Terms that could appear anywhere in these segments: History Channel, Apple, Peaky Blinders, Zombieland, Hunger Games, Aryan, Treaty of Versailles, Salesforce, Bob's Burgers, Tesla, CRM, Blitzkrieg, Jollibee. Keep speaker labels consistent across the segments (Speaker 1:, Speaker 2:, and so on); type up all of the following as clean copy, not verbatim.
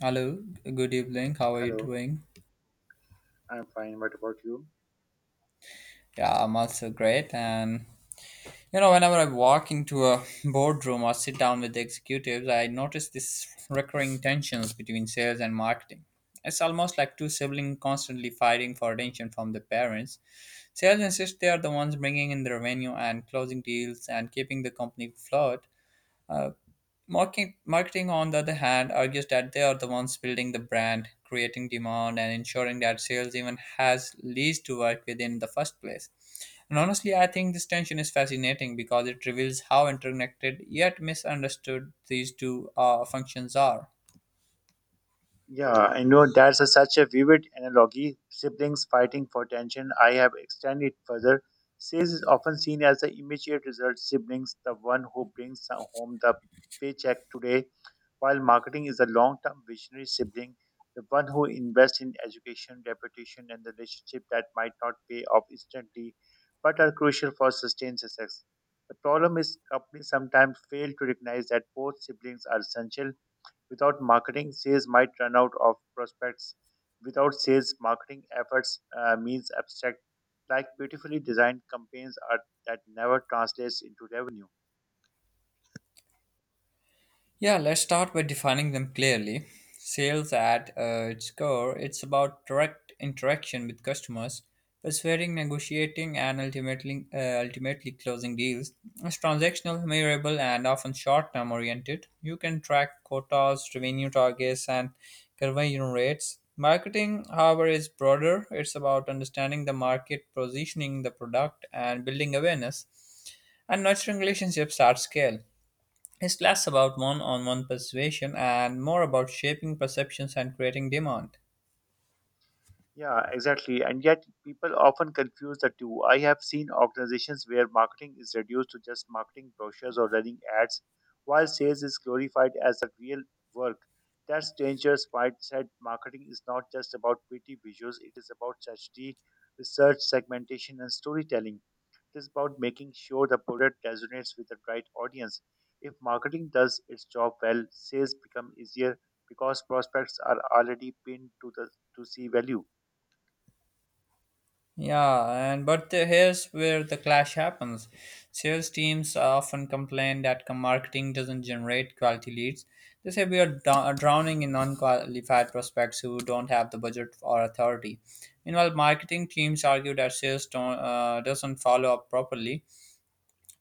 Speaker 1: Hello, good evening. How are you
Speaker 2: Hello,
Speaker 1: doing?
Speaker 2: I'm fine. What about you?
Speaker 1: Yeah, I'm also great. And you know, whenever I walk into a boardroom or sit down with the executives, I notice this recurring tensions between sales and marketing. It's almost like two siblings constantly fighting for attention from the parents. Sales insist they are the ones bringing in the revenue and closing deals and keeping the company afloat. uh, marketing, on the other hand, argues that they are the ones building the brand, creating demand, and ensuring that sales even has leads to work within in the first place. And honestly, I think this tension is fascinating because it reveals how interconnected yet misunderstood these two functions are.
Speaker 2: Yeah, I know such a vivid analogy. Siblings fighting for attention. I have extended it further. Sales is often seen as the immediate result. Siblings, the one who brings home the paycheck today, while marketing is a long-term visionary sibling, the one who invests in education, reputation, and the relationship that might not pay off instantly, but are crucial for sustained success. The problem is companies sometimes fail to recognize that both siblings are essential. Without marketing, sales might run out of prospects. Without sales, marketing efforts means abstract, like beautifully designed campaigns are, that never translates into revenue.
Speaker 1: Yeah, let's start by defining them clearly. Sales at its core, it's about direct interaction with customers, persuading, negotiating, and ultimately closing deals. It's transactional, measurable, and often short-term oriented. You can track quotas, revenue targets, and conversion rates. Marketing, however, is broader. It's about understanding the market, positioning the product, and building awareness, and nurturing relationships at scale. It's less about one on one persuasion and more about shaping perceptions and creating demand.
Speaker 2: Yeah, exactly. And yet, people often confuse the two. I have seen organizations where marketing is reduced to just marketing brochures or running ads, while sales is glorified as the real work. That's dangerous. White said marketing is not just about pretty visuals, it is about strategy, research, segmentation, and storytelling. It is about making sure the product resonates with the right audience. If marketing does its job well, sales become easier because prospects are already pinned to the to see value.
Speaker 1: Yeah, and but here's where the clash happens. Sales teams often complain that marketing doesn't generate quality leads. They say we are drowning in unqualified prospects who don't have the budget or authority. Meanwhile, marketing teams argue that sales don't, doesn't follow up properly,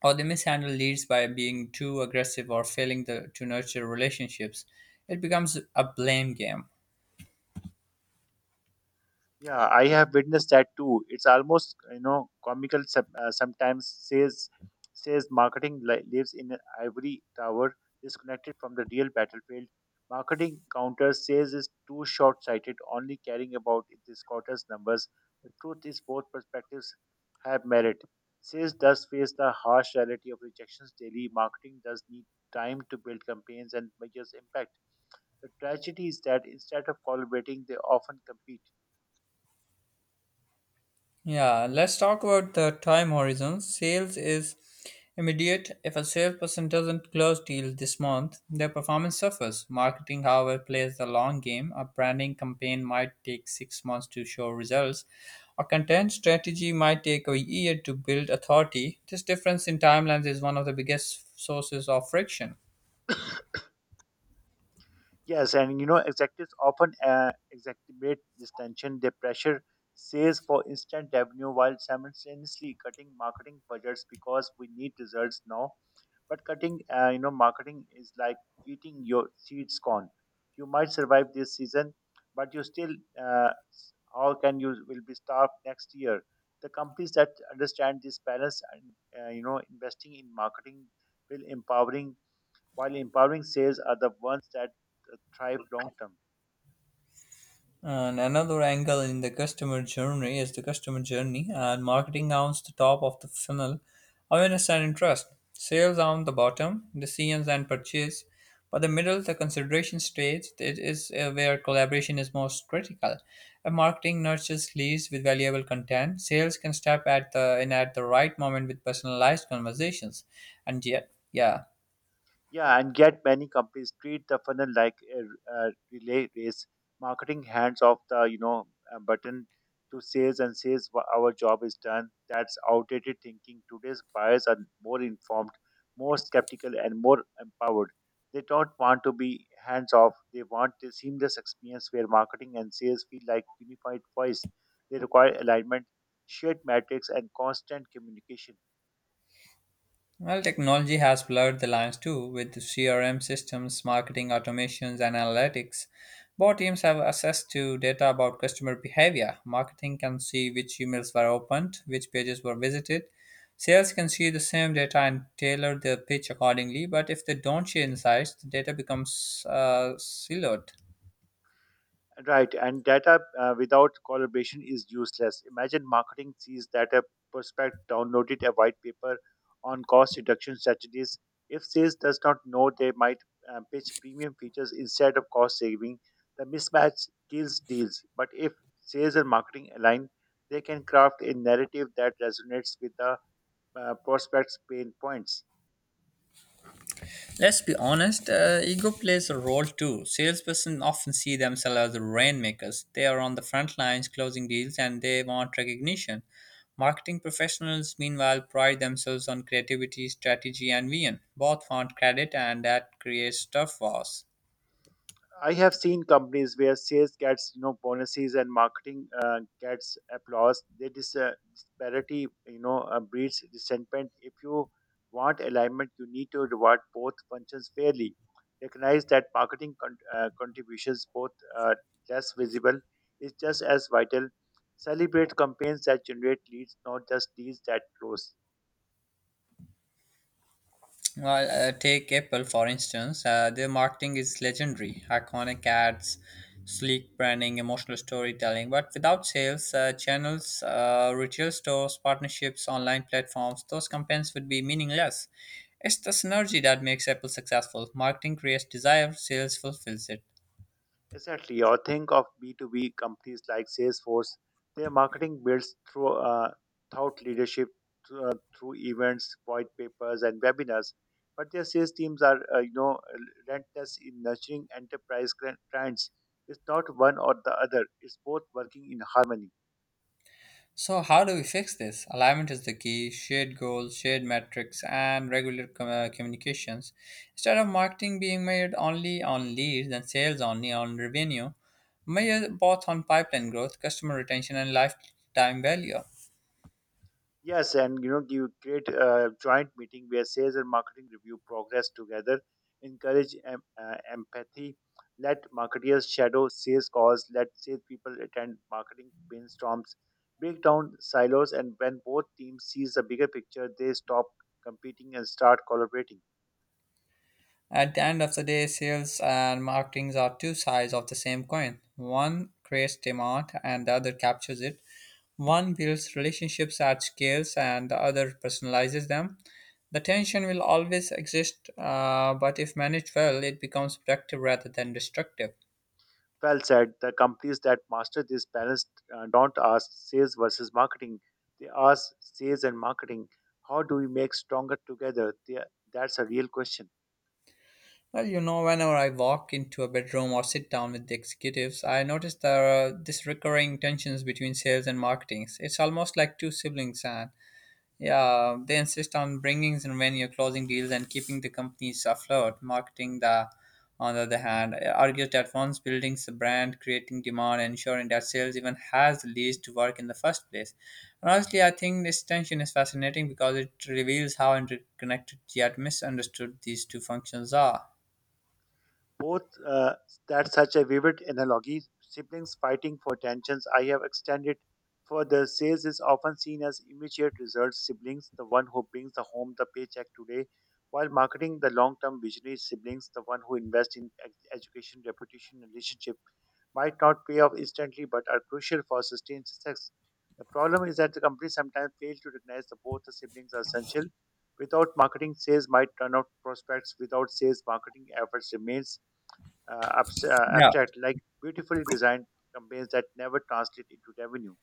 Speaker 1: or they mishandle leads by being too aggressive or failing to nurture relationships. It becomes a blame game.
Speaker 2: Yeah, I have witnessed that too. It's almost comical. Sometimes says marketing lives in an ivory tower, disconnected from the real battlefield. Marketing counter says is too short sighted, only caring about this quarter's numbers. The truth is both perspectives have merit. Sales does face the harsh reality of rejections daily. Marketing does need time to build campaigns and measures impact. The tragedy is that instead of collaborating, they often compete.
Speaker 1: Yeah, let's talk about the time horizon. Sales is immediate. If a salesperson doesn't close deals this month, their performance suffers. Marketing, however, plays the long game. A branding campaign might take 6 months to show results. A content strategy might take a year to build authority. This difference in timelines is one of the biggest sources of friction.
Speaker 2: Yes, and executives often exacerbate this tension. They pressure sales for instant revenue while simultaneously cutting marketing budgets because we need results now. But cutting, marketing is like eating your seeds corn. You might survive this season, but you still, how can you will be starved next year? The companies that understand this balance and investing in marketing will empowering while empowering sales are the ones that thrive long term.
Speaker 1: And another angle in the customer journey is the customer journey, and marketing owns the top of the funnel, awareness and interest. Sales on the bottom, decisions and purchase. But the middle, the consideration stage, it is where collaboration is most critical. If marketing nurtures leads with valuable content, sales can step at the in at the right moment with personalized conversations. And yet, yeah.
Speaker 2: Yeah, and yet many companies treat the funnel like a relay race, marketing hands off the button to sales and says, Our job is done." That's outdated thinking. Today's buyers are more informed, more skeptical, and more empowered. They don't want to be hands off. They want a seamless experience where marketing and sales feel like unified voice. They require alignment, shared metrics, and constant communication.
Speaker 1: Well, technology has blurred the lines too, with CRM systems, marketing automations, and analytics. Bot teams have access to data about customer behavior. Marketing can see which emails were opened, which pages were visited. Sales can see the same data and tailor their pitch accordingly, but if they don't share insights, the data becomes siloed.
Speaker 2: Right, and data without collaboration is useless. Imagine marketing sees that a prospect downloaded a white paper on cost reduction strategies. If sales does not know, they might pitch premium features instead of cost saving. The mismatch kills deals. But if sales and marketing align, they can craft a narrative that resonates with the prospect's pain points.
Speaker 1: Let's be honest, ego plays a role too. Salesperson often see themselves as the rainmakers. They are on the front lines closing deals and they want recognition. Marketing professionals, meanwhile, pride themselves on creativity, strategy, and vision. Both want credit, and that creates tough wars.
Speaker 2: I have seen companies where sales gets bonuses and marketing gets applause. They dis- disparity breeds resentment. If you want alignment, you need to reward both functions fairly. Recognize that marketing contributions, both less visible, is just as vital. Celebrate campaigns that generate leads, not just deals that close.
Speaker 1: Take Apple for instance. Their marketing is legendary, iconic ads, sleek branding, emotional storytelling. But without sales, channels, retail stores, partnerships, online platforms, those campaigns would be meaningless. It's the synergy that makes Apple successful. Marketing creates desire, sales fulfills it.
Speaker 2: Exactly. Or think of B2B companies like Salesforce. Their marketing builds through thought leadership, through events, white papers, and webinars. But their sales teams are, relentless in nurturing enterprise clients. It's not one or the other. It's both working in harmony.
Speaker 1: So how do we fix this? Alignment is the key, shared goals, shared metrics, and regular communications. Instead of marketing being measured only on leads and sales only on revenue, measure both on pipeline growth, customer retention, and lifetime value.
Speaker 2: Yes, and you create a joint meeting where sales and marketing review progress together, encourage empathy, let marketeers shadow sales calls, let sales people attend marketing brainstorms, break down silos, and when both teams sees the bigger picture, they stop competing and start collaborating.
Speaker 1: At the end of the day, sales and marketing are two sides of the same coin. One creates demand and the other captures it. One builds relationships at scales and the other personalizes them. The tension will always exist, but if managed well, it becomes productive rather than destructive.
Speaker 2: Well said. The companies that master this balance don't ask sales versus marketing; they ask sales and marketing. How do we make stronger together? They, that's a real question.
Speaker 1: Well, you know, whenever I walk into a bedroom or sit down with the executives, I notice there are this recurring tensions between sales and marketing. It's almost like two siblings, and yeah, they insist on bringing in revenue, closing deals, and keeping the companies afloat. Marketing, the on the other hand, argues that once building the brand, creating demand, and ensuring that sales even has the leads to work in the first place. And honestly, I think this tension is fascinating because it reveals how interconnected yet misunderstood these two functions are.
Speaker 2: Both That's such a vivid analogy. Siblings fighting for tensions. I have extended further. Sales is often seen as immediate results. Siblings, the one who brings the home the paycheck today, while marketing the long-term visionary siblings, the one who invests in education, reputation, and relationship, might not pay off instantly, but are crucial for sustained success. The problem is that the company sometimes fails to recognize that both the siblings are essential. Without marketing, sales might turn out prospects. Without sales, marketing efforts remains
Speaker 1: Yeah.
Speaker 2: abstract, like beautifully designed campaigns that never translate into revenue.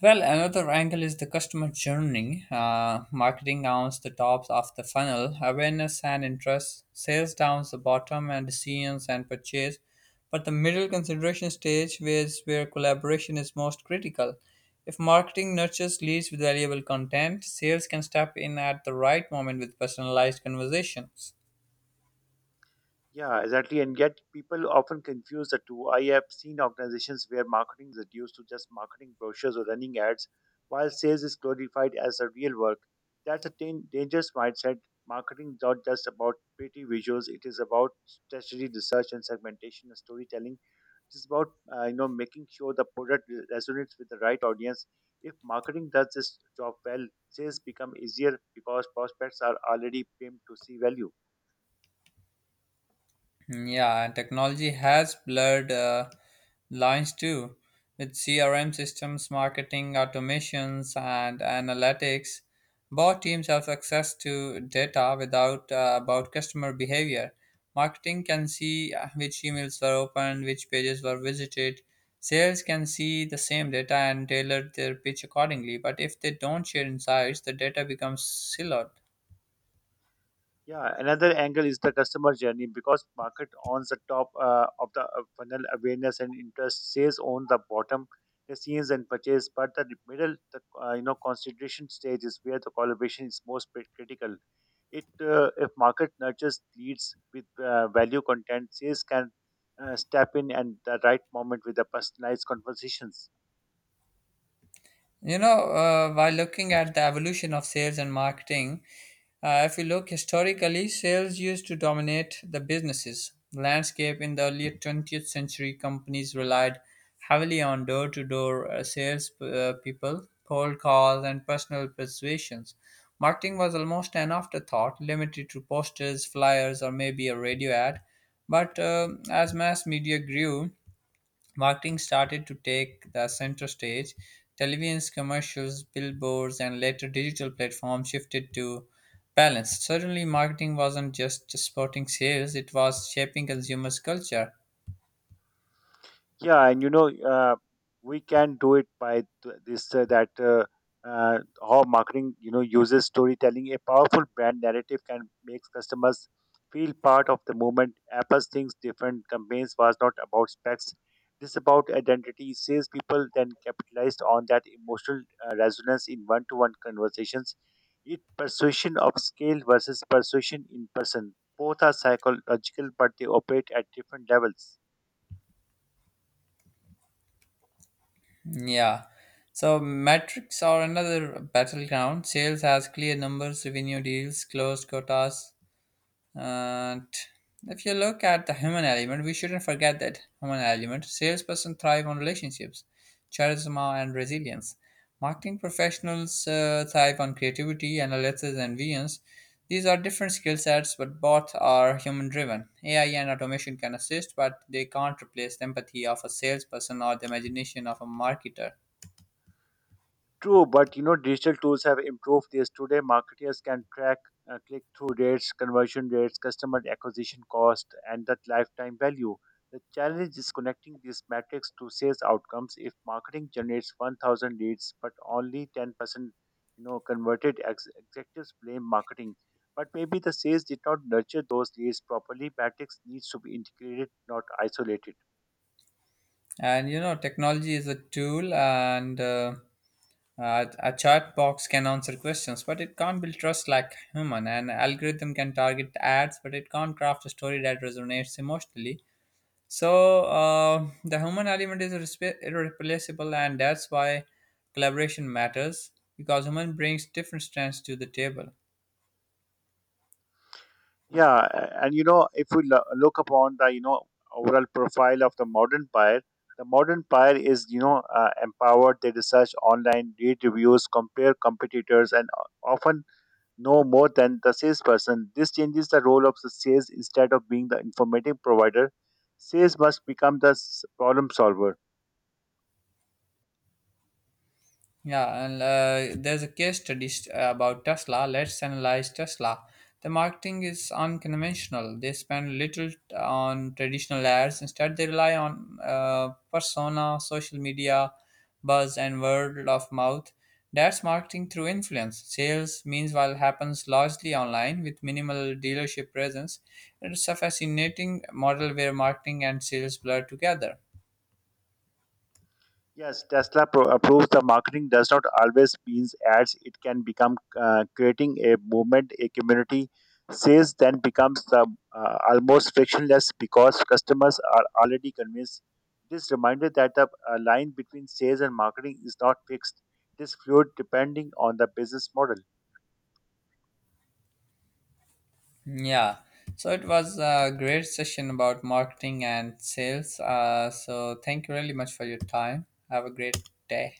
Speaker 1: Well, another angle is the customer journey. Marketing owns the tops of the funnel, awareness and interest, sales downs the bottom, and decisions and purchase. But the middle consideration stage is where collaboration is most critical. If marketing nurtures leads with valuable content, sales can step in at the right moment with personalized conversations.
Speaker 2: Yeah, exactly. And yet, people often confuse the two. I have seen organizations where marketing is reduced to just marketing brochures or running ads, while sales is glorified as the real work. That's a dangerous mindset. Marketing is not just about pretty visuals, it is about strategy, research, and segmentation and storytelling. It is about making sure the product resonates with the right audience. If marketing does this job well, sales become easier because prospects are already primed to see value.
Speaker 1: Mm, yeah, and technology has blurred lines too, with CRM systems, marketing automations, and analytics. Both teams have access to data without about customer behavior. Marketing can see which emails were opened, which pages were visited. Sales can see the same data and tailor their pitch accordingly. But if they don't share insights, the data becomes siloed.
Speaker 2: Yeah, another angle is the customer journey because market owns the top of the funnel awareness and interest. Sales on the bottom, the scenes and purchase. But the middle, the consideration stage is where the collaboration is most critical. It If market nurtures leads with value content, sales can step in and the right moment with the personalized conversations.
Speaker 1: You know, while looking at the evolution of sales and marketing, if you look historically, sales used to dominate the businesses landscape in the early 20th century. Companies relied heavily on door-to-door sales people, cold calls, and personal persuasions. Marketing was almost an afterthought, limited to posters, flyers, or maybe a radio ad. But as mass media grew, marketing started to take the center stage. Television's commercials, billboards, and later digital platforms shifted to balance. Suddenly, marketing wasn't just supporting sales, it was shaping consumers' culture.
Speaker 2: Yeah, and we can do it by th- this that how marketing uses storytelling. A powerful brand narrative can make customers feel part of the movement. Apple's things different campaigns was not about specs. This about identity. Salespeople then capitalized on that emotional resonance in one-to-one conversations. It persuasion of scale versus persuasion in person. Both are psychological, but they operate at different levels.
Speaker 1: Yeah. So metrics are another battleground. Sales has clear numbers, revenue deals, closed quotas, and if you look at the human element, we shouldn't forget that human element. Salesperson thrive on relationships, charisma, and resilience. Marketing professionals thrive on creativity, analysis, and visions. These are different skill sets, but both are human driven. AI and automation can assist, but they can't replace the empathy of a salesperson or the imagination of a marketer.
Speaker 2: True, but digital tools have improved this. Today, marketers can track click-through rates, conversion rates, customer acquisition cost, and that lifetime value. The challenge is connecting these metrics to sales outcomes. If marketing generates 1,000 leads, but only 10%, converted, executives blame marketing. But maybe the sales did not nurture those leads properly. Metrics needs to be integrated, not isolated.
Speaker 1: And you know, technology is a tool, and a chat box can answer questions, but it can't build trust like human. An algorithm can target ads, but it can't craft a story that resonates emotionally. So the human element is irreplaceable, and that's why collaboration matters because human brings different strengths to the table.
Speaker 2: Yeah, and if we look upon the overall profile of the modern buyer is empowered. They research online, read reviews, compare competitors, and often know more than the salesperson. This changes the role of the sales instead of being the informative provider. Sales must become the problem solver.
Speaker 1: Yeah, and there's a case study about Tesla. Let's analyze Tesla. The marketing is unconventional. They spend little on traditional ads. Instead, they rely on persona, social media, buzz, and word of mouth. That's marketing through influence. Sales, meanwhile, happens largely online with minimal dealership presence. It's a fascinating model where marketing and sales blur together.
Speaker 2: Yes, Tesla proves the marketing does not always means ads. It can become creating a movement, a community. Sales then becomes the, almost frictionless because customers are already convinced. It is reminded that the line between sales and marketing is not fixed. It is fluid depending on the business model.
Speaker 1: Yeah, so it was a great session about marketing and sales. So thank you really much for your time. Have a great day.